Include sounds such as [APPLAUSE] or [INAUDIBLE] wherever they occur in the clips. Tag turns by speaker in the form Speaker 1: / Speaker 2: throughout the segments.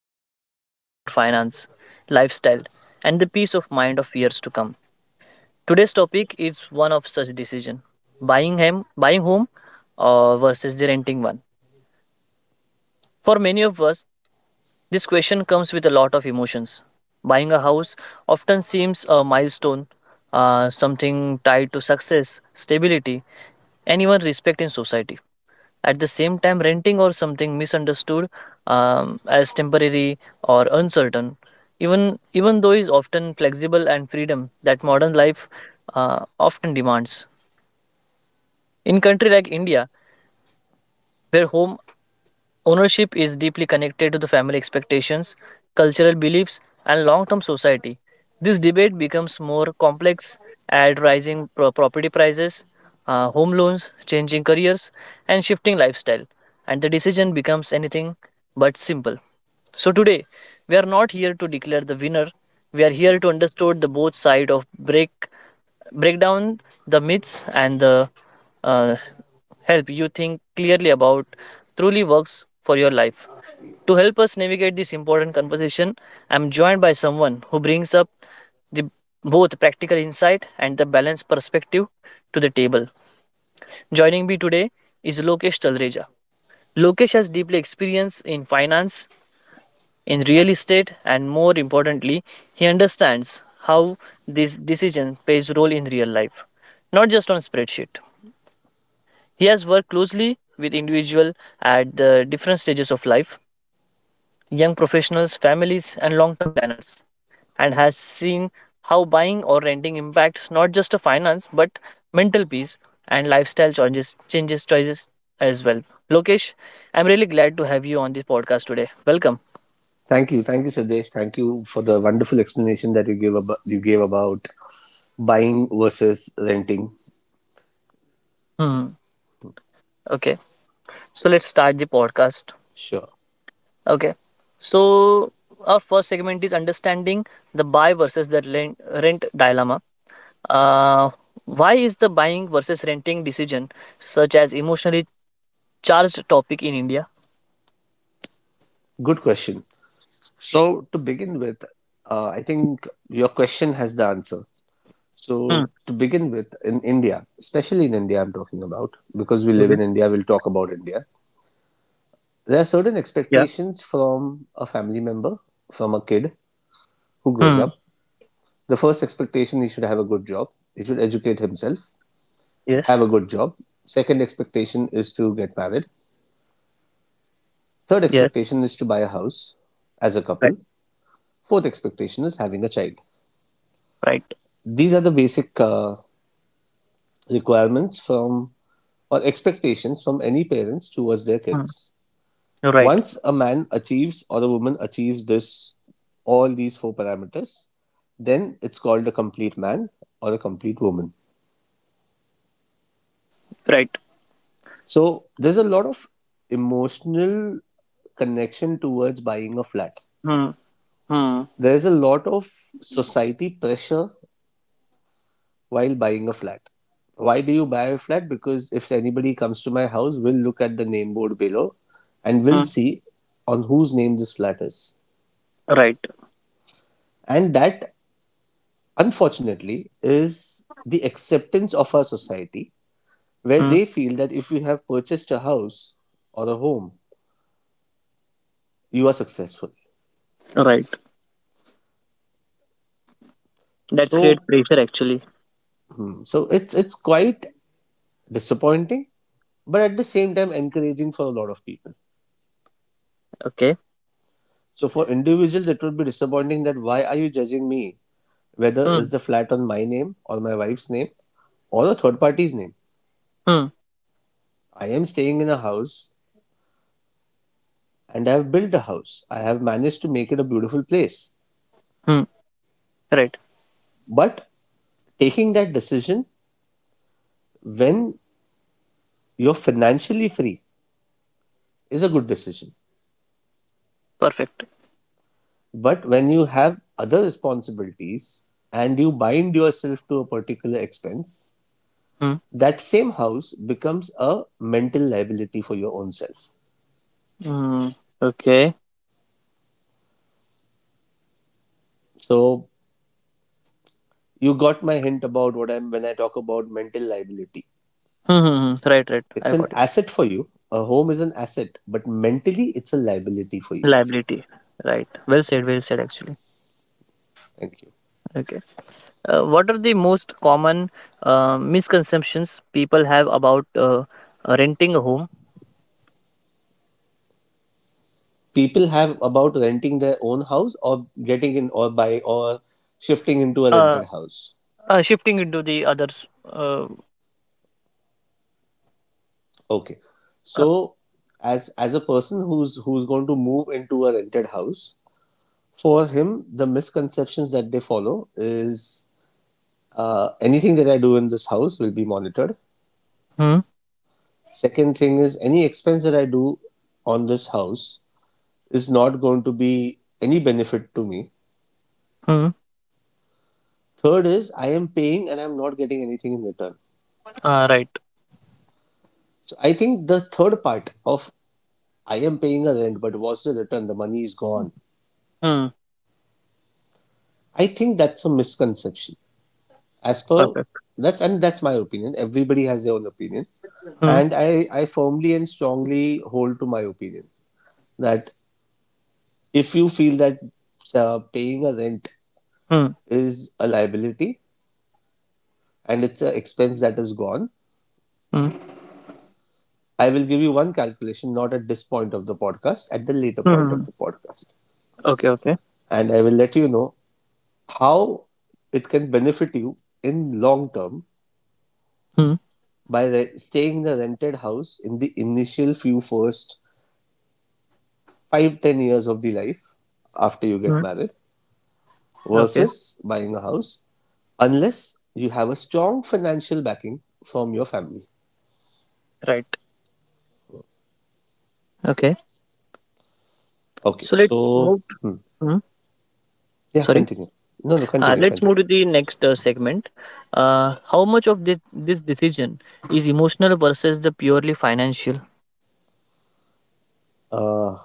Speaker 1: but they influence our finance, lifestyle, and the peace of mind of years to come. Today's topic is one of such decision: buying home, versus the renting one. For many of us, this question comes with a lot of emotions. Buying a house often seems a milestone, something tied to success, stability, and even respect in society. At the same time, renting or something misunderstood as temporary or uncertain, even though is often flexible and freedom that modern life often demands. In country like India, where home ownership is deeply connected to the family expectations, cultural beliefs, and long term society. This debate becomes more complex at rising property prices, home loans, changing careers, and shifting lifestyle, and the decision becomes anything but simple. So today we are not here to declare the winner. We are here to understand the both side of break down the myths and the uh, help you think clearly about truly works for your life. To help us navigate this important conversation, I'm joined by someone who brings up the both practical insight and the balanced perspective to the table. Joining me today is Lokesh Talreja. Lokesh has deeply experienced in finance, in real estate and more importantly he understands how this decision plays role in real life, not just on spreadsheet. He has worked closely with individual at the different stages of life, young professionals, families and long term planners, and has seen how buying or renting impacts not just a finance but mental peace and lifestyle changes choices as well. Lokesh, I'm really glad to have you on this podcast today. Welcome.
Speaker 2: Thank you, Sadesh. Thank you for the wonderful explanation that you gave about buying versus renting.
Speaker 1: Hmm. Okay, so let's start the podcast.
Speaker 2: Sure,
Speaker 1: Okay, so our first segment is understanding the buy versus the rent dilemma. Uh, why is the buying versus renting decision such as emotionally charged topic in India?
Speaker 2: good question. So to begin with, I think your question has the answer.
Speaker 1: Hmm.
Speaker 2: So to begin with, in India, especially in India, I'm talking about because we live
Speaker 1: Okay.
Speaker 2: in India. We'll talk about India. There are certain
Speaker 1: Yeah.
Speaker 2: expectations from a family member, from a kid who grows
Speaker 1: Hmm.
Speaker 2: up. The first expectation he should have a good job. He should educate himself, have
Speaker 1: Yes,
Speaker 2: a good job. Second expectation is to get married. Third
Speaker 1: yes.
Speaker 2: expectation is to buy a house as a
Speaker 1: Right.
Speaker 2: couple. Fourth expectation is having a child.
Speaker 1: Right.
Speaker 2: These are the basic requirements from or expectations from any parents towards their
Speaker 1: Hmm.
Speaker 2: kids.
Speaker 1: Right.
Speaker 2: Once a man achieves or a woman achieves this, all these four parameters, then it's called a complete man or a complete woman.
Speaker 1: Right.
Speaker 2: So there's a lot of emotional connection towards buying a flat.
Speaker 1: Hmm. Hmm.
Speaker 2: There is a lot of society pressure while buying a flat. Why do you buy a flat? Because if anybody comes to my house, we'll look at the name board below and we'll
Speaker 1: Hmm.
Speaker 2: see on whose name this flat is.
Speaker 1: Right.
Speaker 2: And that, unfortunately, is the acceptance of our society where
Speaker 1: Hmm.
Speaker 2: they feel that if you have purchased a house or a home, you are successful.
Speaker 1: Right. That's great
Speaker 2: So,
Speaker 1: pressure actually.
Speaker 2: so it's quite disappointing, but at the same time encouraging for a lot of people.
Speaker 1: Okay.
Speaker 2: So for individuals, it would be disappointing that why are you judging me? Whether
Speaker 1: Hmm.
Speaker 2: is the flat on my name or my wife's name or the third party's name.
Speaker 1: Hmm.
Speaker 2: I am staying in a house and I have built a house. I have managed to make it a beautiful place.
Speaker 1: Hmm. Right.
Speaker 2: But taking that decision when you're financially free is a good decision.
Speaker 1: Perfect.
Speaker 2: But when you have other responsibilities and you bind yourself to a particular expense,
Speaker 1: Hmm.
Speaker 2: that same house becomes a mental liability for your own self.
Speaker 1: Hmm. Okay.
Speaker 2: So you got my hint about what I'm when I talk about mental liability.
Speaker 1: Hmm. Hmm, hmm. Right, right,
Speaker 2: It's
Speaker 1: I
Speaker 2: an
Speaker 1: got it.
Speaker 2: asset for you. A home is an asset, but mentally it's a liability for you.
Speaker 1: Liability, right. Well said actually.
Speaker 2: Thank you.
Speaker 1: Okay. What are the most common misconceptions people have about renting a home?
Speaker 2: People have about renting their own house or getting in or buy or shifting into a rented
Speaker 1: Uh,
Speaker 2: house.
Speaker 1: shifting into the others. Uh,
Speaker 2: Okay.
Speaker 1: uh,
Speaker 2: So as a person who's going to move into a rented house, for him the misconceptions that they follow is anything that I do in this house will be monitored.
Speaker 1: hmm,
Speaker 2: Second thing is any expense that I do on this house is not going to be any benefit to me.
Speaker 1: hmm,
Speaker 2: Third is I am paying and I'm not getting anything in return.
Speaker 1: right.
Speaker 2: So I think the third part of I am paying a rent, but what's the return? The money is gone.
Speaker 1: Hmm,
Speaker 2: I think that's a misconception. As per
Speaker 1: perfect.
Speaker 2: that, and that's my opinion. Everybody has their own opinion,
Speaker 1: Hmm,
Speaker 2: and I firmly and strongly hold to my opinion that if you feel that paying a rent
Speaker 1: hmm,
Speaker 2: is a liability, and it's an expense that is gone.
Speaker 1: hmm, hmm,
Speaker 2: I will give you one calculation, not at this point of the podcast, at the later point
Speaker 1: hmm, hmm.
Speaker 2: of the podcast.
Speaker 1: Okay, okay.
Speaker 2: And I will let you know how it can benefit you in long term
Speaker 1: Hmm,
Speaker 2: by staying in the rented house in the initial few first 5 to 10 years of the life after you
Speaker 1: hmm,
Speaker 2: get married
Speaker 1: okay,
Speaker 2: versus buying a house unless you have a strong financial backing from your family.
Speaker 1: right. Okay.
Speaker 2: Okay,
Speaker 1: So let's
Speaker 2: so
Speaker 1: move.
Speaker 2: hmm.
Speaker 1: Hmm,
Speaker 2: Yeah,
Speaker 1: sorry.
Speaker 2: continue. No,
Speaker 1: Uh,
Speaker 2: continue,
Speaker 1: let's move
Speaker 2: continue.
Speaker 1: to the next segment. How much of this decision is emotional versus the purely financial?
Speaker 2: uh,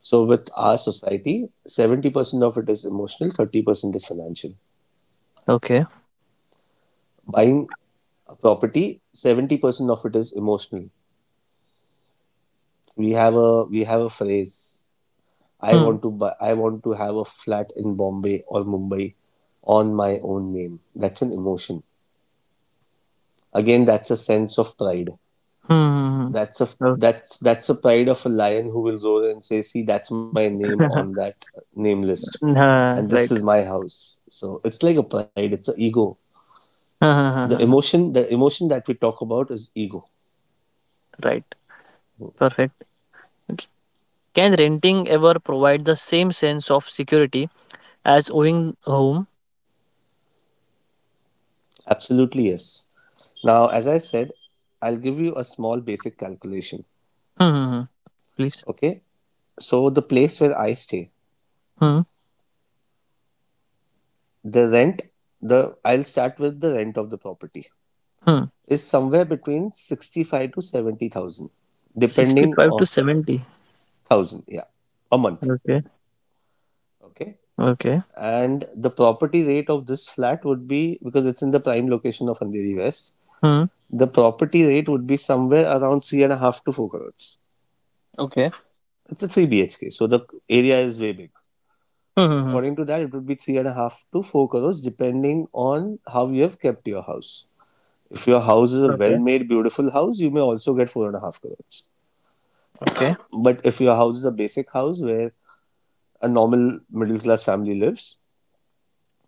Speaker 2: So with our society, 70% of it is emotional, 30% is financial.
Speaker 1: Okay.
Speaker 2: Buying a property, 70% of it is emotional. We have a phrase,
Speaker 1: Hmm.
Speaker 2: I want to have a flat in Bombay or Mumbai on my own name. That's an emotion. Again, that's a sense of pride.
Speaker 1: Hmm. Hmm,
Speaker 2: That's a
Speaker 1: hmm. Okay.
Speaker 2: that's that's a pride of a lion who will roar and say, "See, that's my name on
Speaker 1: [LAUGHS]
Speaker 2: that name list." And
Speaker 1: Nah,
Speaker 2: this is
Speaker 1: right.
Speaker 2: my house. So it's like a pride, it's an ego. the
Speaker 1: [LAUGHS]
Speaker 2: emotion the emotion that we talk about is ego.
Speaker 1: right. Perfect. Okay. Can renting ever provide the same sense of security as owning a home?
Speaker 2: Absolutely, yes. Now, as I said, I'll give you a small basic calculation.
Speaker 1: Hmm. Hmm, hmm. Please.
Speaker 2: Okay, so the place where I stay,
Speaker 1: Hmm.
Speaker 2: the rent, the I'll start with the rent of the property
Speaker 1: Hmm.
Speaker 2: is somewhere between 65 to 70,000 depending
Speaker 1: 65
Speaker 2: on,
Speaker 1: to 70.
Speaker 2: 1000, yeah, a month.
Speaker 1: Okay.
Speaker 2: Okay,
Speaker 1: Okay.
Speaker 2: and the property rate of this flat would be because it's in the prime location of Andheri West.
Speaker 1: Hmm.
Speaker 2: The property rate would be somewhere around three and a half to four crores.
Speaker 1: Okay.
Speaker 2: It's a 3 BHK, so the area is way big.
Speaker 1: Hmm.
Speaker 2: So
Speaker 1: Hmm, hmm.
Speaker 2: according to that, it would be three and a half to four crores, depending on how you have kept your house. If your house is a
Speaker 1: Okay.
Speaker 2: well-made, beautiful house, you may also get four and a half crores.
Speaker 1: Okay.
Speaker 2: But if your house is a basic house where a normal middle-class family lives,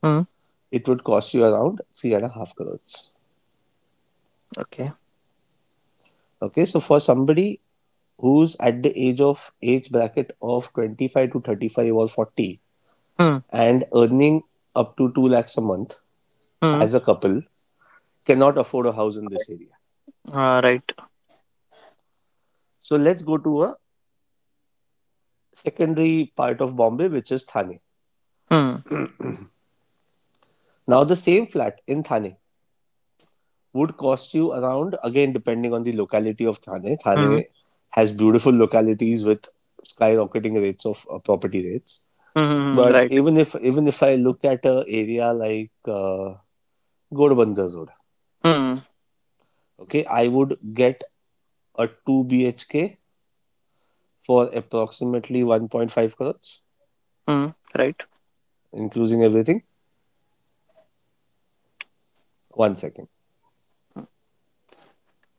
Speaker 1: Hmm.
Speaker 2: it would cost you around three and a half crores.
Speaker 1: Okay.
Speaker 2: Okay, so for somebody who's at the age bracket of 25 to 35 or 40
Speaker 1: Hmm.
Speaker 2: and earning up to 2 lakhs a month
Speaker 1: Hmm.
Speaker 2: as a couple cannot afford a house in this area.
Speaker 1: Ah, right.
Speaker 2: So let's go to a secondary part of Bombay, which is Thane.
Speaker 1: Hmm.
Speaker 2: Now, the same flat in Thane would cost you around, again, depending on the locality of Thane.
Speaker 1: Hmm.
Speaker 2: Thane has beautiful localities with skyrocketing rates of property rates.
Speaker 1: Hmm. Hmm, hmm,
Speaker 2: But
Speaker 1: right.
Speaker 2: even if I look at a area like Godbandha Road,
Speaker 1: Hmm.
Speaker 2: okay, I would get a two BHK for approximately 1.5 crores,
Speaker 1: Hmm. Right.
Speaker 2: including everything. One second.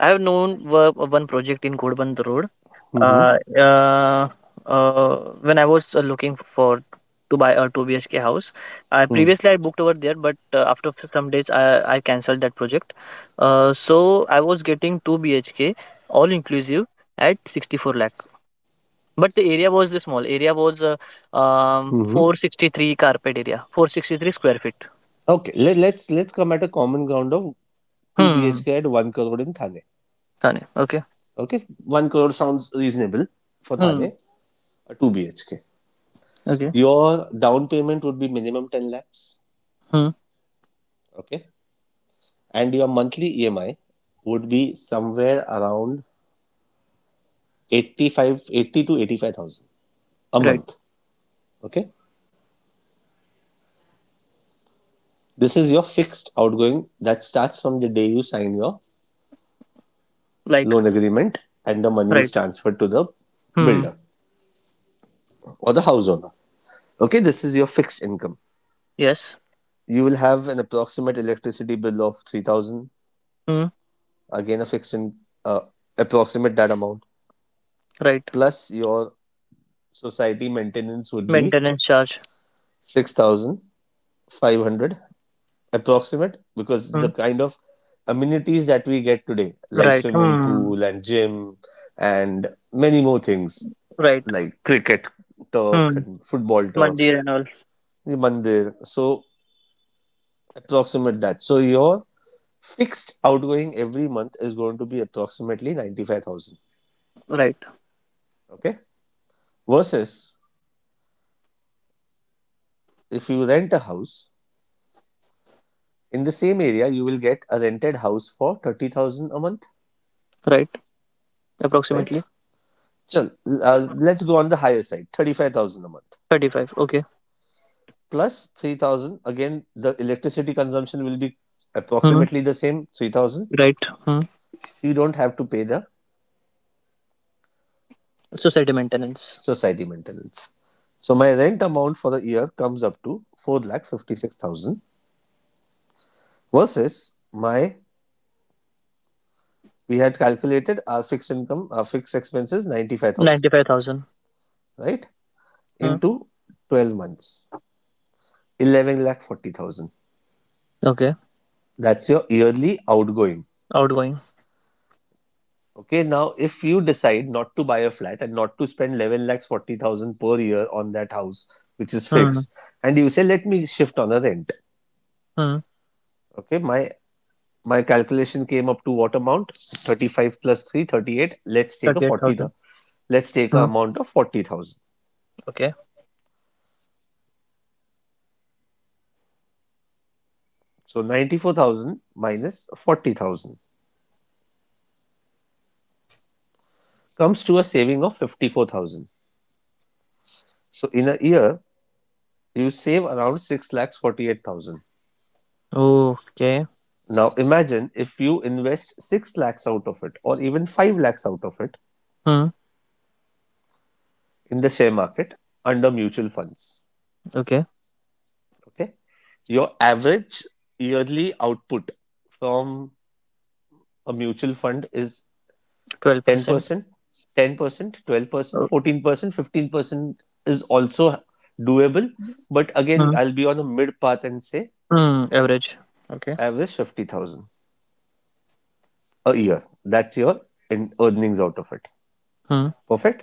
Speaker 1: I have known one project in Ghodband Road.
Speaker 2: Mm-hmm.
Speaker 1: Uh, uh, uh, when I was looking for to buy a 2 BHK house, I
Speaker 2: Hmm.
Speaker 1: previously I booked over there, but after some days I cancelled that project. So I was getting 2 BHK all inclusive at 64 lakh. But the small area was
Speaker 2: Hmm.
Speaker 1: 463 carpet area, 463 square feet.
Speaker 2: Okay, let's come at a common ground of two
Speaker 1: Hmm.
Speaker 2: BHK at one crore in Thane.
Speaker 1: Thane. Okay.
Speaker 2: Okay, one crore sounds reasonable for
Speaker 1: Hmm.
Speaker 2: Thane. A two BHK.
Speaker 1: Okay.
Speaker 2: Your down payment would be minimum ten lakhs.
Speaker 1: Hmm.
Speaker 2: Okay, and your monthly EMI would be somewhere around 85, 80 to 85,000 a
Speaker 1: Right.
Speaker 2: month. Okay, this is your fixed outgoing that starts from the day you sign your
Speaker 1: Like.
Speaker 2: loan agreement and the money
Speaker 1: Right.
Speaker 2: is transferred to the
Speaker 1: Hmm.
Speaker 2: builder or the house owner. Okay, this is your fixed income.
Speaker 1: Yes.
Speaker 2: You will have an approximate electricity bill of 3,000,
Speaker 1: Hmm.
Speaker 2: again a fixed in uh, approximate that amount.
Speaker 1: Right.
Speaker 2: Plus your society maintenance would be
Speaker 1: Maintenance charge.
Speaker 2: 6,500 approximate because
Speaker 1: Hmm.
Speaker 2: the kind of amenities that we get today like
Speaker 1: Right.
Speaker 2: swimming
Speaker 1: Hmm.
Speaker 2: pool and gym and many more things
Speaker 1: Right.
Speaker 2: like cricket turf
Speaker 1: Hmm.
Speaker 2: and football turf,
Speaker 1: Mandir and all.
Speaker 2: mandir. So approximate that. So your fixed outgoing every month is going to be approximately 95,000.
Speaker 1: Right.
Speaker 2: Okay. Versus if you rent a house in the same area, you will get a rented house for 30,000 a month,
Speaker 1: Right.
Speaker 2: right?
Speaker 1: Approximately
Speaker 2: Chal, let's go on the higher side 35,000 a month
Speaker 1: 35. Okay.
Speaker 2: plus 3,000. Again, the electricity consumption will be
Speaker 1: Hmm.
Speaker 2: approximately the same 3,000.
Speaker 1: Right. Hmm.
Speaker 2: You don't have to pay the
Speaker 1: Society maintenance.
Speaker 2: society maintenance. So my rent amount for the year comes up to four lakh 56,000. Versus my, we had calculated our fixed income, our fixed expenses, 95,000,
Speaker 1: 95,000.
Speaker 2: right?
Speaker 1: Hmm.
Speaker 2: Into 12 months, 11 lakh 40,000.
Speaker 1: Okay.
Speaker 2: That's your yearly outgoing.
Speaker 1: Outgoing.
Speaker 2: Okay, now if you decide not to buy a flat and not to spend 11 lakhs 40,000 per year on that house, which is
Speaker 1: Hmm.
Speaker 2: fixed, and you say, let me shift on a rent.
Speaker 1: Hmm.
Speaker 2: Okay, my calculation came up to what amount? 35 plus five plus, let's take a
Speaker 1: Thirty-eight
Speaker 2: 40
Speaker 1: thousand.
Speaker 2: thousand. Let's take an
Speaker 1: Hmm.
Speaker 2: amount of 40,000.
Speaker 1: Okay.
Speaker 2: So 94,000 minus 40,000 comes to a saving of 54,000. So in a year, you save around 6 lakhs 48,000.
Speaker 1: Okay.
Speaker 2: Now imagine if you invest 6 lakhs out of it or even 5 lakhs out of it
Speaker 1: Hmm.
Speaker 2: in the share market under mutual funds.
Speaker 1: Okay.
Speaker 2: Okay. Your average yearly output from a mutual fund is
Speaker 1: 12%.
Speaker 2: 10%, 10%, 12%,
Speaker 1: Oh.
Speaker 2: 14%, 15% is also doable. But again,
Speaker 1: Hmm.
Speaker 2: I'll be on a mid path and say
Speaker 1: Hmm. Average. Okay.
Speaker 2: average 50,000 a year. That's your in earnings out of it.
Speaker 1: Hmm.
Speaker 2: Perfect.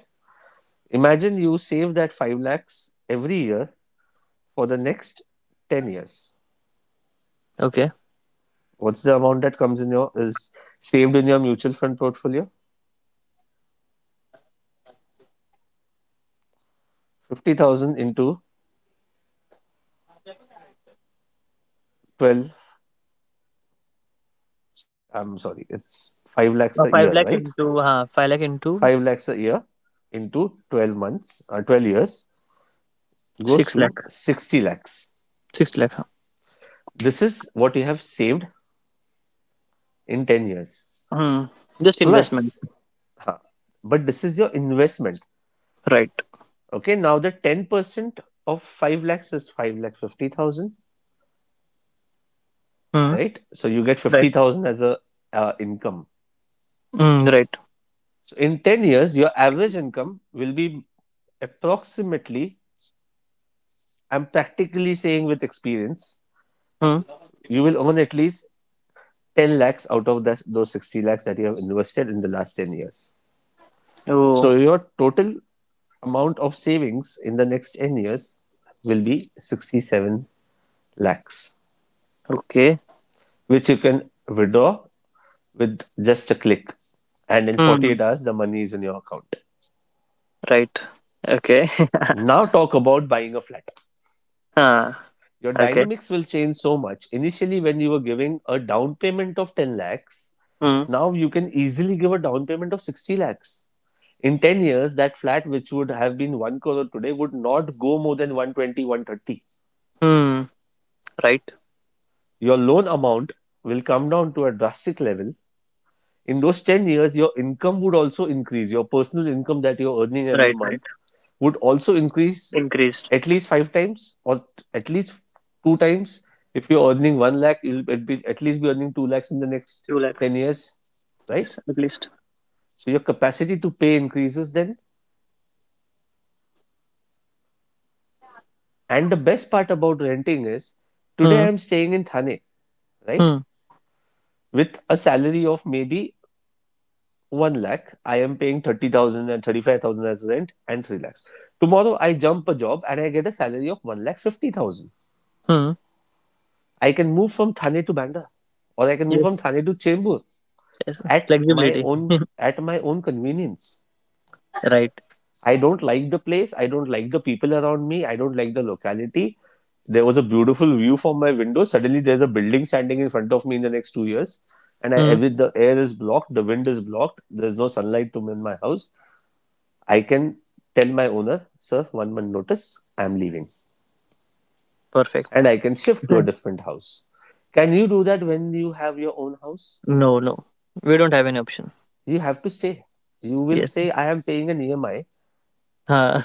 Speaker 2: Imagine you save that 5 lakhs every year for the next 10 years.
Speaker 1: Okay.
Speaker 2: What's the amount that comes in your is saved in your mutual fund portfolio? 50,000 into 12. Sorry, I'm sorry. It's 5 lakhs
Speaker 1: Uh,
Speaker 2: a
Speaker 1: 5
Speaker 2: year,
Speaker 1: lakh
Speaker 2: right?
Speaker 1: into 5 lakh into
Speaker 2: 5 lakhs a year into 12 months or 12 years goes
Speaker 1: 6
Speaker 2: to
Speaker 1: lakh.
Speaker 2: 60 lakhs.
Speaker 1: 6 lakh huh?
Speaker 2: This is what you have saved in 10 years.
Speaker 1: Hmm. Just investment.
Speaker 2: Plus, but this is your investment.
Speaker 1: Right.
Speaker 2: Okay, now the 10% of 5 lakhs is 5 lakh 50,000,
Speaker 1: Hmm.
Speaker 2: right? So you get
Speaker 1: Right.
Speaker 2: 50,000 as a income.
Speaker 1: Hmm. Right.
Speaker 2: So in 10 years, your average income will be approximately, I'm practically saying with experience,
Speaker 1: Hmm.
Speaker 2: you will earn at least 10 lakhs out of that, those 60 lakhs that you have invested in the last 10 years.
Speaker 1: Oh.
Speaker 2: So your total amount of savings in the next 10 years will be 67 lakhs,
Speaker 1: Okay.
Speaker 2: which you can withdraw with just a click. And in
Speaker 1: Hmm.
Speaker 2: 48 hours, the money is in your account.
Speaker 1: Right. Okay. [LAUGHS]
Speaker 2: Now talk about buying a flat.
Speaker 1: Ah.
Speaker 2: Your
Speaker 1: Okay.
Speaker 2: dynamics will change so much. Initially, when you were giving a down payment of 10 lakhs,
Speaker 1: Hmm.
Speaker 2: now you can easily give a down payment of 60 lakhs in 10 years. That flat which would have been 1 crore today would not go more than 1.20, 1.30.
Speaker 1: Hmm. Right.
Speaker 2: Your loan amount will come down to a drastic level. In those 10 years, your income would also increase. Your personal income that you're earning every
Speaker 1: Right. Right.
Speaker 2: month would also increase
Speaker 1: Increased.
Speaker 2: at least 5 times, or at least 2 times. If you're earning 1 lakh, you'll be- at least be earning 2 lakhs in the next
Speaker 1: 2 lakhs,
Speaker 2: 10 years, right?
Speaker 1: yes, at least.
Speaker 2: So your capacity to pay increases then. And the best part about renting is,
Speaker 1: Hmm.
Speaker 2: today I'm staying in Thane, right?
Speaker 1: Hmm.
Speaker 2: With a salary of maybe 1 lakh, I am paying 30,000 and 35,000 as rent and 3 lakhs. Tomorrow I jump a job and I get a salary of 1 lakh 50,000.
Speaker 1: Hmm.
Speaker 2: I can move from Thane to Bandra, or I can move from
Speaker 1: Yes,
Speaker 2: Thane to Chembur
Speaker 1: yes.
Speaker 2: at my
Speaker 1: Flexibility.
Speaker 2: own
Speaker 1: [LAUGHS]
Speaker 2: at my own convenience.
Speaker 1: Right.
Speaker 2: I don't like the place. I don't like the people around me. I don't like the locality. There was a beautiful view from my window. Suddenly, there's a building standing in front of me in the next 2 years. And I,
Speaker 1: Hmm.
Speaker 2: every, the air is blocked, the wind is blocked, there's no sunlight to me in my house. I can tell my owner, sir, 1 month notice, I'm leaving.
Speaker 1: Perfect.
Speaker 2: And
Speaker 1: [LAUGHS]
Speaker 2: I can shift to a different house. Can you do that when you have your own house?
Speaker 1: No, no, we don't have any option.
Speaker 2: You have to stay. You will
Speaker 1: Yes.
Speaker 2: say, I am paying an EMI.
Speaker 1: Ah.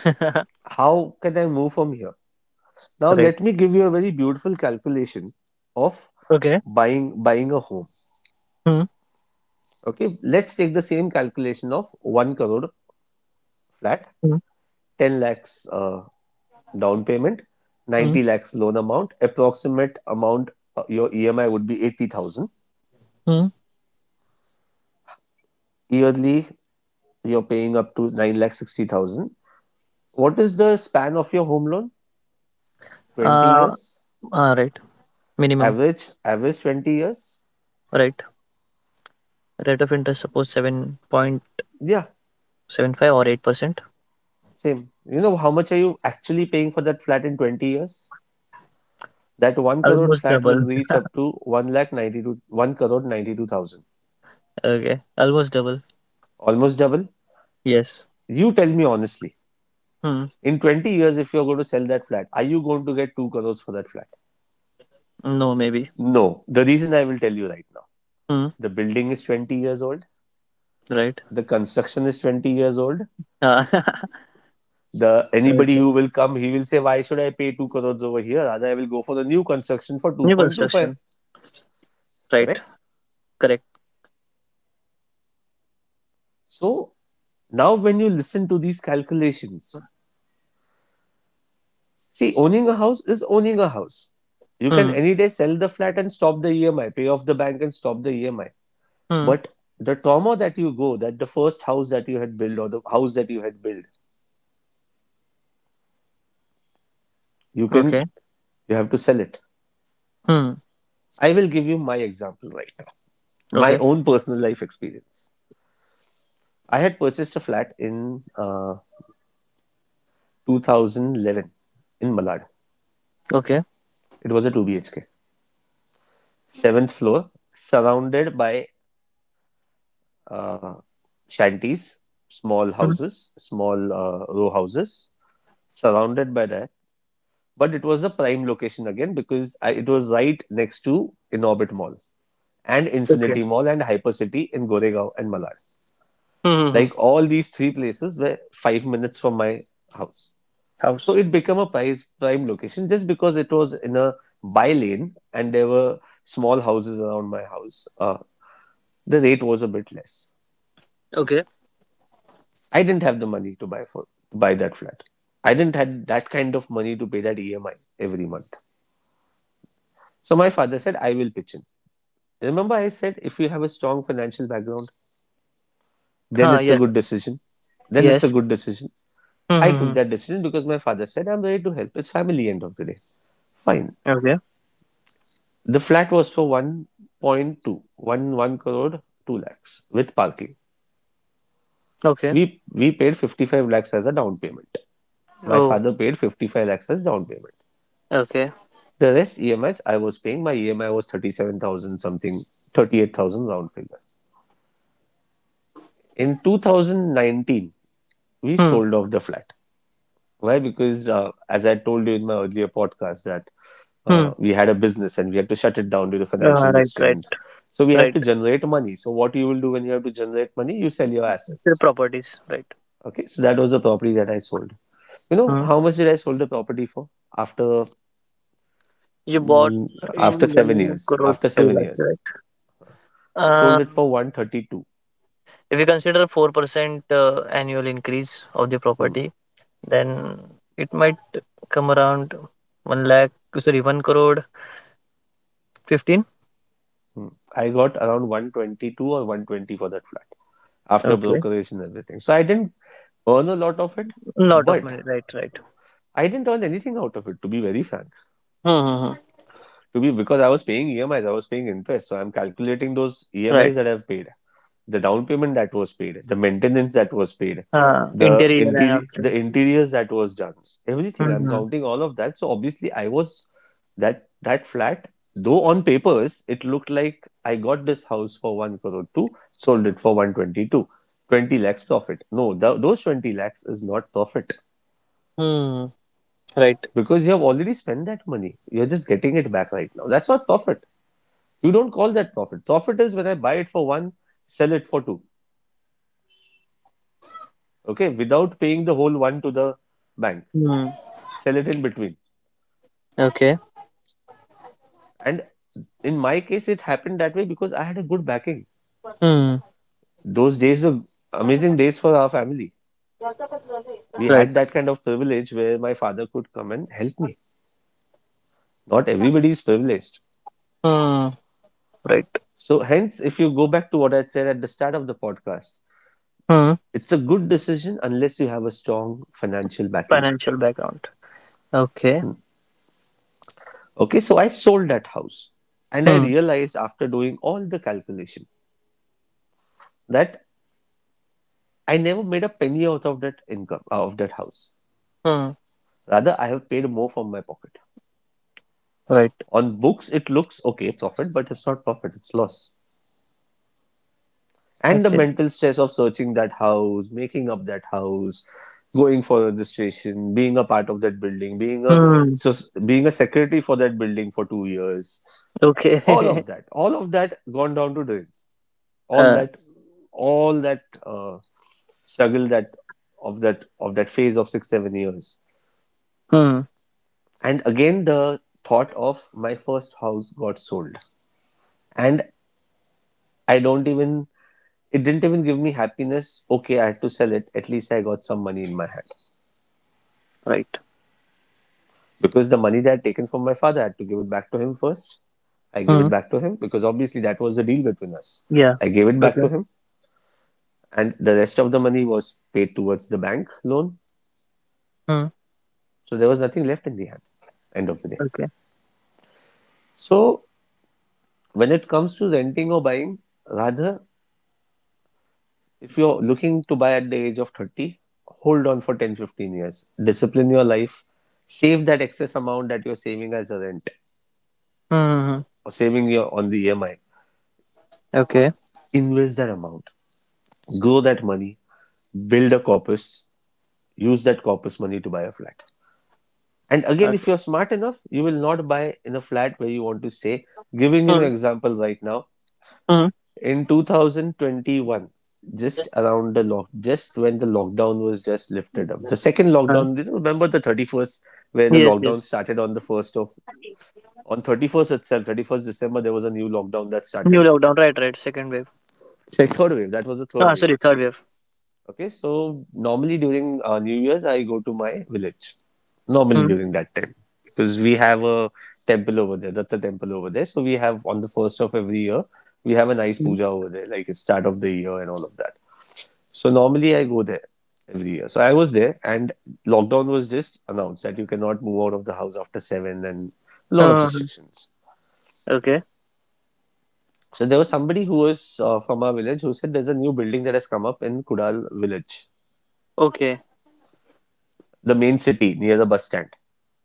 Speaker 1: [LAUGHS]
Speaker 2: How can I move from here? Now
Speaker 1: Right.
Speaker 2: let me give you a very beautiful calculation of
Speaker 1: Okay.
Speaker 2: buying a home.
Speaker 1: Hmm.
Speaker 2: Okay, let's take the same calculation of one crore flat,
Speaker 1: Mhm,
Speaker 2: ten lakhs down payment,
Speaker 1: mhm,
Speaker 2: 90 lakhs loan amount, approximate amount. Your EMI would be 80,000
Speaker 1: mhm.
Speaker 2: yearly. You're paying up to nine lakh 60,000. What is the span of your home loan? Twenty
Speaker 1: Uh,
Speaker 2: years
Speaker 1: right. Minimum.
Speaker 2: Average 20 years.
Speaker 1: Right. Rate of interest suppose 7.75
Speaker 2: Yeah,
Speaker 1: or 8%.
Speaker 2: same. You know how much are you actually paying for that flat in 20 years? That 1 crore
Speaker 1: Almost
Speaker 2: flat
Speaker 1: double.
Speaker 2: will reach
Speaker 1: [LAUGHS]
Speaker 2: up to 1 lakh 92 1 crore 92,000.
Speaker 1: Okay. Almost double.
Speaker 2: Almost double.
Speaker 1: Yes.
Speaker 2: You tell me honestly,
Speaker 1: Hmm.
Speaker 2: in 20 years, if you're going to sell that flat, are you going to get 2 crores for that flat?
Speaker 1: No, maybe.
Speaker 2: No. The reason I will tell you right now,
Speaker 1: Hmm.
Speaker 2: the building is 20 years old,
Speaker 1: Right.
Speaker 2: the construction is 20 years old.
Speaker 1: Uh,
Speaker 2: The
Speaker 1: [LAUGHS]
Speaker 2: anybody
Speaker 1: right.
Speaker 2: who will come, he will say, why should I pay 2 crores over here? Rather, I will go for the new construction for
Speaker 1: New
Speaker 2: 2.25.
Speaker 1: construction. Right.
Speaker 2: Correct?
Speaker 1: Correct.
Speaker 2: So now when you listen to these calculations, see, owning a house is owning a house. You can
Speaker 1: Hmm.
Speaker 2: any day sell the flat and stop the EMI, pay off the bank and stop the EMI.
Speaker 1: Hmm.
Speaker 2: But the trauma that you go, that the first house that you had built or the house that you had built, you
Speaker 1: Okay.
Speaker 2: can, you have to sell it.
Speaker 1: Hmm.
Speaker 2: I will give you my example right now, my
Speaker 1: Okay.
Speaker 2: own personal life experience. I had purchased a flat in 2011 in Malad.
Speaker 1: Okay.
Speaker 2: It was a 2 BHK, seventh floor, surrounded by uh, shanties, small
Speaker 1: Hmm.
Speaker 2: houses, small row houses, surrounded by that. But it was a prime location again because I, it was right next to Inorbit Mall and
Speaker 1: Okay.
Speaker 2: Infinity Mall and Hypercity in Goregaon and Malad.
Speaker 1: Hmm. Hmm, hmm.
Speaker 2: Like all these three places were 5 minutes from my house. So
Speaker 1: House.
Speaker 2: it became a price, prime location just because it was in a by lane and there were small houses around my house. The rate was a bit less.
Speaker 1: Okay.
Speaker 2: I didn't have the money to buy that flat. I didn't had that kind of money to pay that EMI every month. So my father said, I will pitch in. Remember, I said if you have a strong financial background,
Speaker 1: Right.
Speaker 2: then
Speaker 1: Huh.
Speaker 2: it's a
Speaker 1: Yes.
Speaker 2: good decision. Then it's a
Speaker 1: Yes.
Speaker 2: good decision.
Speaker 1: Hmm.
Speaker 2: I
Speaker 1: Hmm,
Speaker 2: took
Speaker 1: hmm.
Speaker 2: that decision because my father said, I'm ready to help. It's family end of the day. Fine.
Speaker 1: Okay.
Speaker 2: The flat was for 1.211 crore, 2 lakhs with parking.
Speaker 1: Okay.
Speaker 2: We paid 55 lakhs as a down payment. My
Speaker 1: Oh.
Speaker 2: father paid 55 lakhs as down payment.
Speaker 1: Okay.
Speaker 2: The rest EMIs I was paying, my EMI was 37,000 something, 38,000 round figures. In 2019, we
Speaker 1: Hmm.
Speaker 2: sold off the flat. Why? Because, as I told you in my earlier podcast, that
Speaker 1: Hmm.
Speaker 2: we had a business and we had to shut it down due to
Speaker 1: Uh,
Speaker 2: financial
Speaker 1: right. Right.
Speaker 2: restraints. So we had
Speaker 1: Right.
Speaker 2: to generate money. So what you will do when you have to generate money, you sell your
Speaker 1: It's your
Speaker 2: assets.
Speaker 1: properties, right?
Speaker 2: Okay, so that was the property that I sold. You know
Speaker 1: Hmm.
Speaker 2: how much did I sold the property for? After
Speaker 1: You bought
Speaker 2: mm,
Speaker 1: in
Speaker 2: after seven
Speaker 1: 1
Speaker 2: years,
Speaker 1: crore
Speaker 2: after
Speaker 1: 2
Speaker 2: seven
Speaker 1: lakh, right?
Speaker 2: years, I
Speaker 1: Uh,
Speaker 2: sold it for 1.32.
Speaker 1: if you consider 4% annual increase of the
Speaker 2: Hmm.
Speaker 1: property, then it might come around 1 lakh, sorry, 1 crore 15.
Speaker 2: Hmm. I got around 122 or 120 for that flat after
Speaker 1: Okay.
Speaker 2: brokerage and everything. So I didn't earn a lot of it,
Speaker 1: Lot of
Speaker 2: but
Speaker 1: money, right, right.
Speaker 2: I didn't earn anything out of it, to be very frank.
Speaker 1: Mm-hmm.
Speaker 2: To be Because I was paying EMIs, I was paying interest. So I'm calculating those
Speaker 1: Right.
Speaker 2: EMIs that I've paid, the down payment that was paid, the maintenance that was paid,
Speaker 1: Uh,
Speaker 2: the
Speaker 1: interior and
Speaker 2: interior,
Speaker 1: everything.
Speaker 2: the interiors that was done, everything. I'm
Speaker 1: Mm-hmm.
Speaker 2: counting all of that. So obviously, I was that that flat. Though on papers it looked like I got this house for one crore two, sold it for 1.22, 20 lakhs profit. No, those 20 lakhs is not profit
Speaker 1: Mm, right.
Speaker 2: because you have already spent that money. You're just getting it back right now. That's not profit. You don't call that profit. Profit is when I buy it for one, sell it for two. Okay, without paying the whole one to the bank,
Speaker 1: Mm.
Speaker 2: sell it in between,
Speaker 1: Okay.
Speaker 2: and in my case it happened that way because I had a good backing.
Speaker 1: Mm.
Speaker 2: Those days were amazing days for our family. We
Speaker 1: Right.
Speaker 2: had that kind of privilege where my father could come and help me. Not everybody is privileged.
Speaker 1: Mm. Right.
Speaker 2: So hence if you go back to what I said at the start of the podcast,
Speaker 1: Mm.
Speaker 2: it's a good decision unless you have a strong financial backing.
Speaker 1: Financial background. Okay.
Speaker 2: Okay, so I sold that house and I
Speaker 1: Hmm.
Speaker 2: realized, after doing all the calculation, that I never made a penny out of that income, of that house.
Speaker 1: Hmm.
Speaker 2: Rather, I have paid more from my pocket.
Speaker 1: Right.
Speaker 2: On books, it looks okay, profit, but it's not profit, it's loss. And the
Speaker 1: Okay.
Speaker 2: mental stress of searching that house, making up that house, going for registration, being a part of that building, being a
Speaker 1: Hmm.
Speaker 2: so being a secretary for that building for 2 years,
Speaker 1: Okay. [LAUGHS]
Speaker 2: all of that gone down to drains. All
Speaker 1: uh,
Speaker 2: that, all that struggle that of that phase of 6-7 years.
Speaker 1: hmm.
Speaker 2: And again, the thought of my first house got sold. And I don't even, it didn't even give me happiness. Okay, I had to sell it. At least I got some money in my hand.
Speaker 1: Right.
Speaker 2: Because the money that I'd taken from my father, I had to give it back to him first. I gave
Speaker 1: Hmm.
Speaker 2: it back to him because obviously that was the deal between us.
Speaker 1: Yeah.
Speaker 2: I gave it back
Speaker 1: Okay.
Speaker 2: to him, and the rest of the money was paid towards the bank loan.
Speaker 1: Hmm.
Speaker 2: So there was nothing left in the hand, end of the day.
Speaker 1: Okay.
Speaker 2: So when it comes to renting or buying, rather, if you're looking to buy at the age of 30, hold on for 10 to 15 years. Discipline your life. Save that excess amount that you're saving as a rent
Speaker 1: Hmm.
Speaker 2: or saving your, on the EMI.
Speaker 1: Okay.
Speaker 2: Invest that amount. Grow that money. Build a corpus. Use that corpus money to buy a flat. And again, if
Speaker 1: Okay.
Speaker 2: you're smart enough, you will not buy in a flat where you want to stay. Giving you an
Speaker 1: Hmm.
Speaker 2: example right now,
Speaker 1: Hmm.
Speaker 2: in 2021 just when the lockdown was just lifted up, the second
Speaker 1: uh,
Speaker 2: lockdown, remember the 31st, where the
Speaker 1: yes,
Speaker 2: lockdown
Speaker 1: yes.
Speaker 2: started on the 1st of on 31st itself, 31st December there was a new lockdown that
Speaker 1: New
Speaker 2: started.
Speaker 1: lockdown. Right. Right. Second wave.
Speaker 2: Sec Third wave. That was the third
Speaker 1: Ah,
Speaker 2: wave.
Speaker 1: sorry. Third wave.
Speaker 2: Okay, so normally during new year's I go to my village, normally
Speaker 1: Hmm.
Speaker 2: during that time, because we have a temple over there, Datta temple over there. So we have, on the first of every year we have a nice
Speaker 1: Mm.
Speaker 2: puja over there, like it's start of the year and all of that. So normally I go there every year. So I was there, and lockdown was just announced that you cannot move out of the house after seven, and a
Speaker 1: Hmm.
Speaker 2: lot of
Speaker 1: Hmm, hmm.
Speaker 2: restrictions.
Speaker 1: Okay.
Speaker 2: So there was somebody who was from our village who said there's a new building that has come up in Kudal village,
Speaker 1: Okay.
Speaker 2: the main city near the bus stand,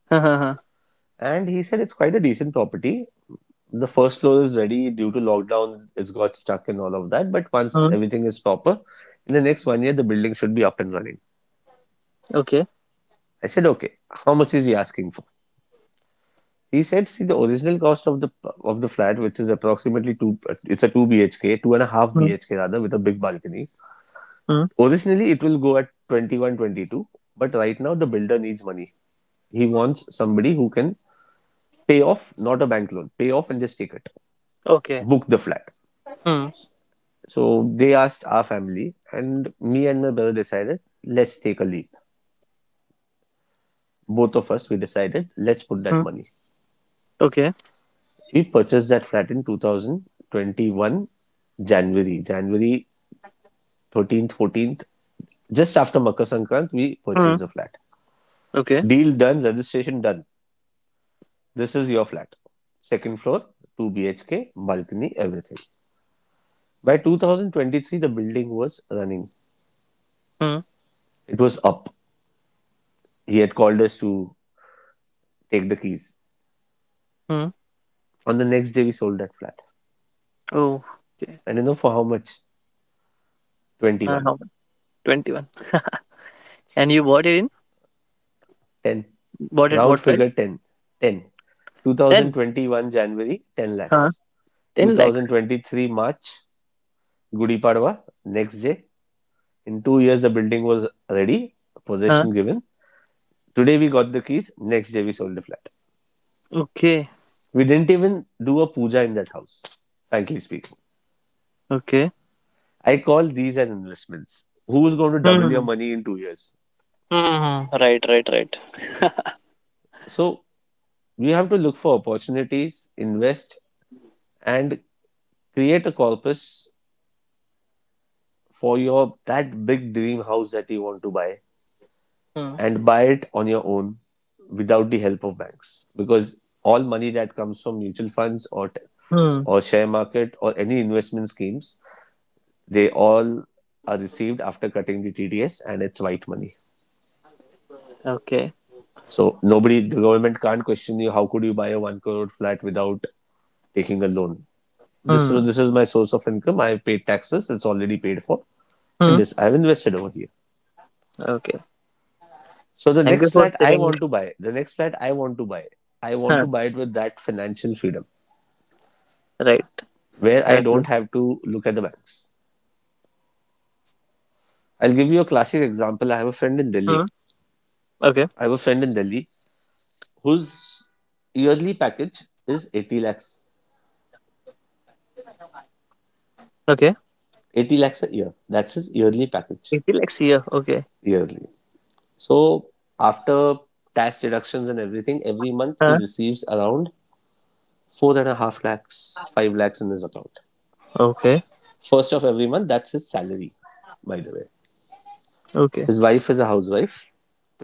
Speaker 1: Hmm. Hmm,
Speaker 2: and he said it's quite a decent property. The first floor is ready due to lockdown, it's got stuck and all of that. But
Speaker 1: hmm.
Speaker 2: once
Speaker 1: Mm.
Speaker 2: everything is proper, in the next 1 year, the building should be up and running.
Speaker 1: Okay.
Speaker 2: I said, okay, how much is he asking for? He said, see, the original cost of the flat, which is approximately two, it's a two BHK, two and a half
Speaker 1: Hmm.
Speaker 2: BHK rather, with a big balcony.
Speaker 1: Hmm.
Speaker 2: Originally, it will go at 21, 22, but right now the builder needs money. He wants somebody who can pay off, not a bank loan, pay off and just take it,
Speaker 1: Okay.
Speaker 2: book the flat.
Speaker 1: Hmm.
Speaker 2: So they asked our family, and me and my brother decided, let's take a leap. Both of us, we decided, let's put that
Speaker 1: Hmm.
Speaker 2: money.
Speaker 1: Okay.
Speaker 2: We purchased that flat in 2021 January. January 13th, 14th, just after Makar Sankrant, we
Speaker 1: Hmm.
Speaker 2: purchased the flat.
Speaker 1: Okay.
Speaker 2: Deal done, registration done. This is your flat. Second floor, 2 BHK, balcony, everything. By 2023, the building was running.
Speaker 1: Hmm.
Speaker 2: It was up. He had called us to take the keys.
Speaker 1: Hmm.
Speaker 2: On the next day, we sold that flat.
Speaker 1: Oh. Okay.
Speaker 2: And you know for how much?
Speaker 1: Uh,
Speaker 2: 21.
Speaker 1: how much? 21. And you bought it in?
Speaker 2: 10.
Speaker 1: Bought at
Speaker 2: Round
Speaker 1: what price?
Speaker 2: figure 10. 10.
Speaker 1: 10?
Speaker 2: 2021 January, 10
Speaker 1: Huh?
Speaker 2: lakhs.
Speaker 1: 10 lakhs?
Speaker 2: 2023 March, Gudi Padwa, next day, in 2 years, the building was ready,
Speaker 1: Huh?
Speaker 2: possession given. Today we got the keys. Next day we sold the flat.
Speaker 1: Okay.
Speaker 2: We didn't even do a puja in that house. Frankly speaking,
Speaker 1: Okay.
Speaker 2: I call these as investments. Who is going to double your
Speaker 1: Hmm.
Speaker 2: money in 2 years?
Speaker 1: Hmm. Right, right, right. [LAUGHS]
Speaker 2: So we have to look for opportunities, invest, and create a corpus for your that big dream house that you want to buy
Speaker 1: Hmm.
Speaker 2: and buy it on your own without the help of banks, because all money that comes from mutual funds
Speaker 1: Hmm.
Speaker 2: or share market or any investment schemes they all are received after cutting the TDS and it's white money.
Speaker 1: Okay.
Speaker 2: So nobody, the government can't question you how could you buy a 1 crore flat without taking a loan. this
Speaker 1: Hmm.
Speaker 2: this is my source of income. I've paid taxes, it's already paid for, and
Speaker 1: Hmm.
Speaker 2: this I've invested over here.
Speaker 1: Okay.
Speaker 2: So the
Speaker 1: Thank
Speaker 2: next
Speaker 1: you for
Speaker 2: flat I
Speaker 1: sharing.
Speaker 2: want to buy the next flat I want to buy I want to
Speaker 1: Huh.
Speaker 2: buy it with that financial freedom
Speaker 1: Right.
Speaker 2: where I
Speaker 1: Okay.
Speaker 2: don't have to look at the banks. I'll give you a classic example. I have a friend in Delhi.
Speaker 1: Hmm. Okay.
Speaker 2: I have a friend in Delhi whose yearly package is 80 lakhs.
Speaker 1: Okay.
Speaker 2: 80 lakhs a year. That's his yearly package.
Speaker 1: 80 lakhs here. Okay.
Speaker 2: Yearly. So after tax deductions and everything, every month he
Speaker 1: Huh.
Speaker 2: receives around four and a half lakhs, five lakhs in his account.
Speaker 1: Okay.
Speaker 2: First of every month, that's his salary, by the way.
Speaker 1: Okay.
Speaker 2: His wife is a housewife.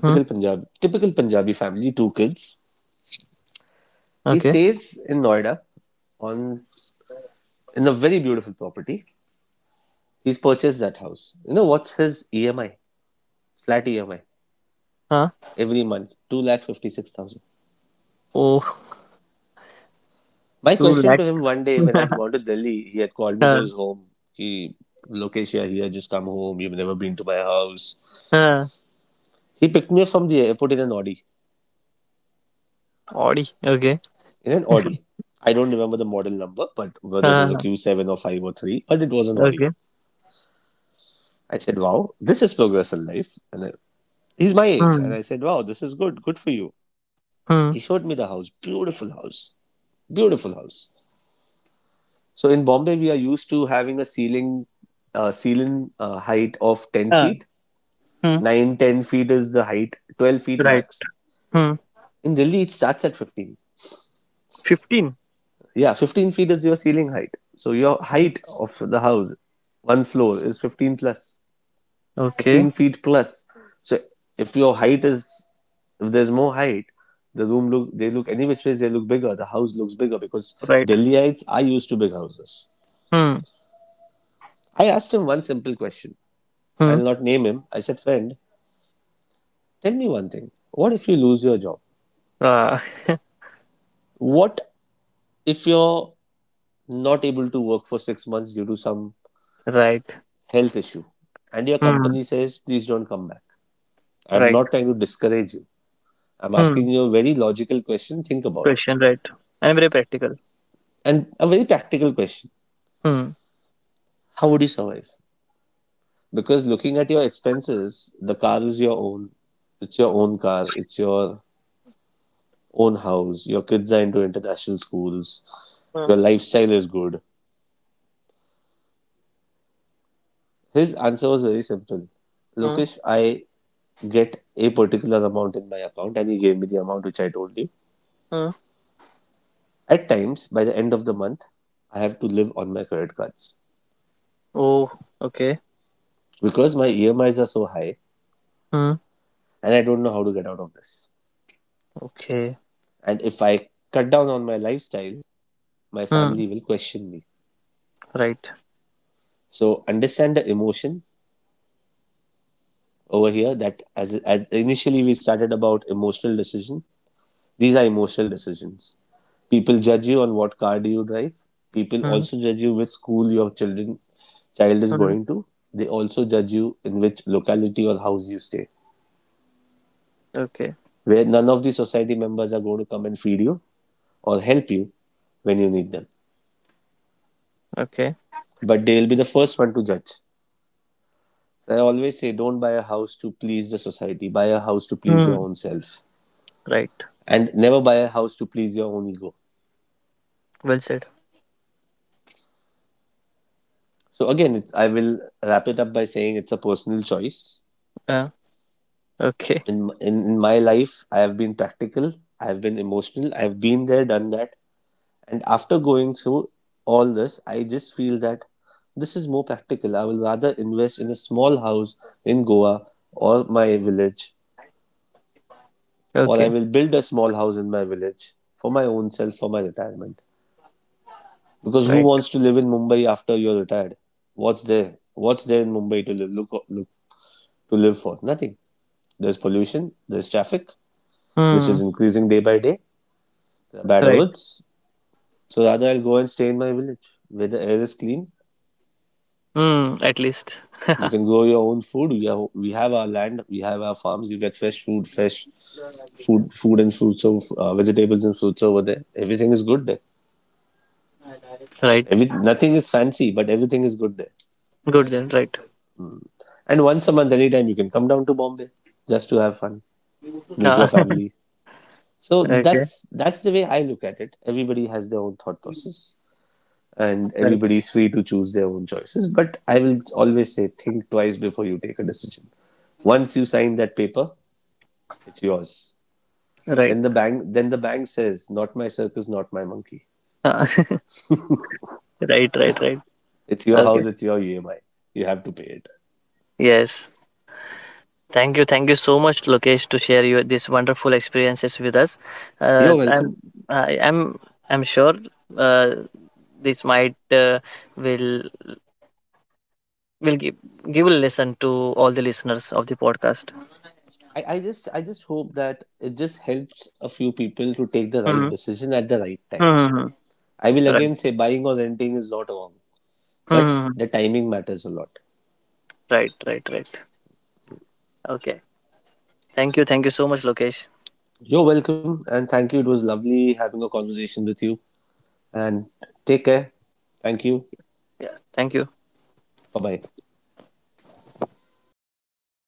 Speaker 1: Hmm.
Speaker 2: Punjabi, Typical Punjabi family, two kids. He
Speaker 1: Okay.
Speaker 2: stays in Noida on in a very beautiful property. He's purchased that house. You know what's his EMI? Flat EMI
Speaker 1: Huh.
Speaker 2: every month 2 lakh fifty six thousand.
Speaker 1: Oh,
Speaker 2: My
Speaker 1: two
Speaker 2: question to him
Speaker 1: 2.
Speaker 2: one day when I'd
Speaker 1: [LAUGHS]
Speaker 2: gone to Delhi, he had called me to
Speaker 1: Huh.
Speaker 2: his home. He Lokesh, yeah, here, just come home. You've never been to my house.
Speaker 1: Huh.
Speaker 2: He picked me up from the airport in an Audi.
Speaker 1: Audi. Okay.
Speaker 2: In an Audi. I don't remember the model number, but whether it was a
Speaker 1: Huh.
Speaker 2: Q7 or 5 or 3, but it was an Audi.
Speaker 1: Okay.
Speaker 2: I said, wow, this is progress in life. And he's my age. And
Speaker 1: Hmm.
Speaker 2: I said, wow, this is good. Good for you.
Speaker 1: Hmm.
Speaker 2: He showed me the house. Beautiful house. Beautiful house. So in Bombay, we are used to having a ceiling, ceiling height of 10
Speaker 1: Huh.
Speaker 2: feet.
Speaker 1: Hmm.
Speaker 2: 9, 10 feet is the height. 12 feet
Speaker 1: Right.
Speaker 2: max.
Speaker 1: Hmm.
Speaker 2: In Delhi, it starts at 15.
Speaker 1: 15.
Speaker 2: Yeah, 15 feet is your ceiling height. So your height of the house, one floor, is 15 plus.
Speaker 1: Okay.
Speaker 2: 15 feet plus. So if your height is, if there's more height, the room look, they look any which ways they look bigger. The house looks bigger because
Speaker 1: Right.
Speaker 2: Delhiites are used to big houses.
Speaker 1: Hmm.
Speaker 2: I asked him one simple question.
Speaker 1: Hmm.
Speaker 2: I'll not name him. I said, friend, tell me one thing. What if you lose your job?
Speaker 1: Ah,
Speaker 2: What if you're not able to work for 6 months due to some
Speaker 1: [LAUGHS] right.
Speaker 2: health issue and your company
Speaker 1: Hmm.
Speaker 2: says, please don't come back? I'm
Speaker 1: Right.
Speaker 2: not trying to discourage you. I'm asking
Speaker 1: Hmm.
Speaker 2: you a very logical question. Think about it.
Speaker 1: Question. Right. And very practical.
Speaker 2: And a very practical question,
Speaker 1: Hmm.
Speaker 2: how would you survive? Because looking at your expenses, the car is your own. It's your own car. It's your own house. Your kids are into international schools. Your
Speaker 1: Hmm.
Speaker 2: lifestyle is good. His answer was very simple.
Speaker 1: Hmm.
Speaker 2: Lokesh, I get a particular amount in my account, and he gave me the amount which I told you.
Speaker 1: Hmm.
Speaker 2: At times, by the end of the month, I have to live on my credit cards
Speaker 1: Oh. Okay.
Speaker 2: because my EMIs are so high
Speaker 1: Hmm.
Speaker 2: and I don't know how to get out of this.
Speaker 1: Okay.
Speaker 2: And if I cut down on my lifestyle, my
Speaker 1: Hmm.
Speaker 2: family will question me.
Speaker 1: Right.
Speaker 2: So understand the emotion over here that as initially we started about emotional decision. These are emotional decisions. People judge you on what car do you drive. People
Speaker 1: Hmm.
Speaker 2: also judge you which school your child is
Speaker 1: Hmm.
Speaker 2: going to. They also judge you in which locality or house you stay.
Speaker 1: Okay.
Speaker 2: Where none of the society members are going to come and feed you or help you when you need them.
Speaker 1: Okay.
Speaker 2: But they will be the first one to judge. So I always say, don't buy a house to please the society. Buy a house to please your
Speaker 1: Hmm.
Speaker 2: own self,
Speaker 1: Right.
Speaker 2: and never buy a house to please your own ego.
Speaker 1: Well said.
Speaker 2: So again, it's, I will wrap it up by saying it's a personal choice.
Speaker 1: Yeah. Okay.
Speaker 2: In my life, I have been practical. I have been emotional. I have been there, done that. And after going through all this, I just feel that this is more practical. I will rather invest in a small house in Goa or my village, or I
Speaker 1: Okay.
Speaker 2: will build a small house in my village for my own self for my retirement. Because who
Speaker 1: Right.
Speaker 2: wants to live in Mumbai after you're retired? What's there? What's there in Mumbai to live? Look, look to live for nothing. There's pollution. There's traffic, which
Speaker 1: Hmm.
Speaker 2: is increasing day by day. There are bad
Speaker 1: Right.
Speaker 2: roads. So rather, I'll go and stay in my village where the air is clean.
Speaker 1: Hmm. At least.
Speaker 2: You can grow your own food. We have our land. We have our farms. You get fresh food, fresh food and fruits of vegetables and fruits over there. Everything is good there.
Speaker 1: Right.
Speaker 2: Every, nothing is fancy, but everything is good there.
Speaker 1: Good then. Right.
Speaker 2: And once a month, anytime you can come down to Bombay just to have fun, meet
Speaker 1: Ah.
Speaker 2: your family. So
Speaker 1: [LAUGHS] okay.
Speaker 2: that's the way I look at it. Everybody has their own thought process, and
Speaker 1: Right.
Speaker 2: everybody's free to choose their own choices. But I will always say, think twice before you take a decision. Once you sign that paper, it's yours.
Speaker 1: Right.
Speaker 2: Then the bank says, "Not my circus, not my monkey.
Speaker 1: Ah. [LAUGHS] right. Right. Right.
Speaker 2: It's your
Speaker 1: Okay.
Speaker 2: house, it's your EMI. You have to pay it."
Speaker 1: Yes. Thank you so much, Lokesh, to share your these wonderful experiences with us. Uh,
Speaker 2: You're welcome.
Speaker 1: I'm, I, I'm, I'm sure uh, this might will will give a lesson to all the listeners of the podcast.
Speaker 2: I just hope that it just helps a few people to take the right
Speaker 1: Hmm.
Speaker 2: decision at the right time.
Speaker 1: Hmm.
Speaker 2: I will
Speaker 1: Right.
Speaker 2: again say buying or renting is not wrong, but
Speaker 1: Hmm.
Speaker 2: the timing matters a lot.
Speaker 1: Right, right, right. Okay. Thank you. Thank you so much, Lokesh.
Speaker 2: You're welcome and thank you. It was lovely having a conversation with you. And take care. Thank you.
Speaker 1: Yeah. Thank you.
Speaker 2: Bye bye.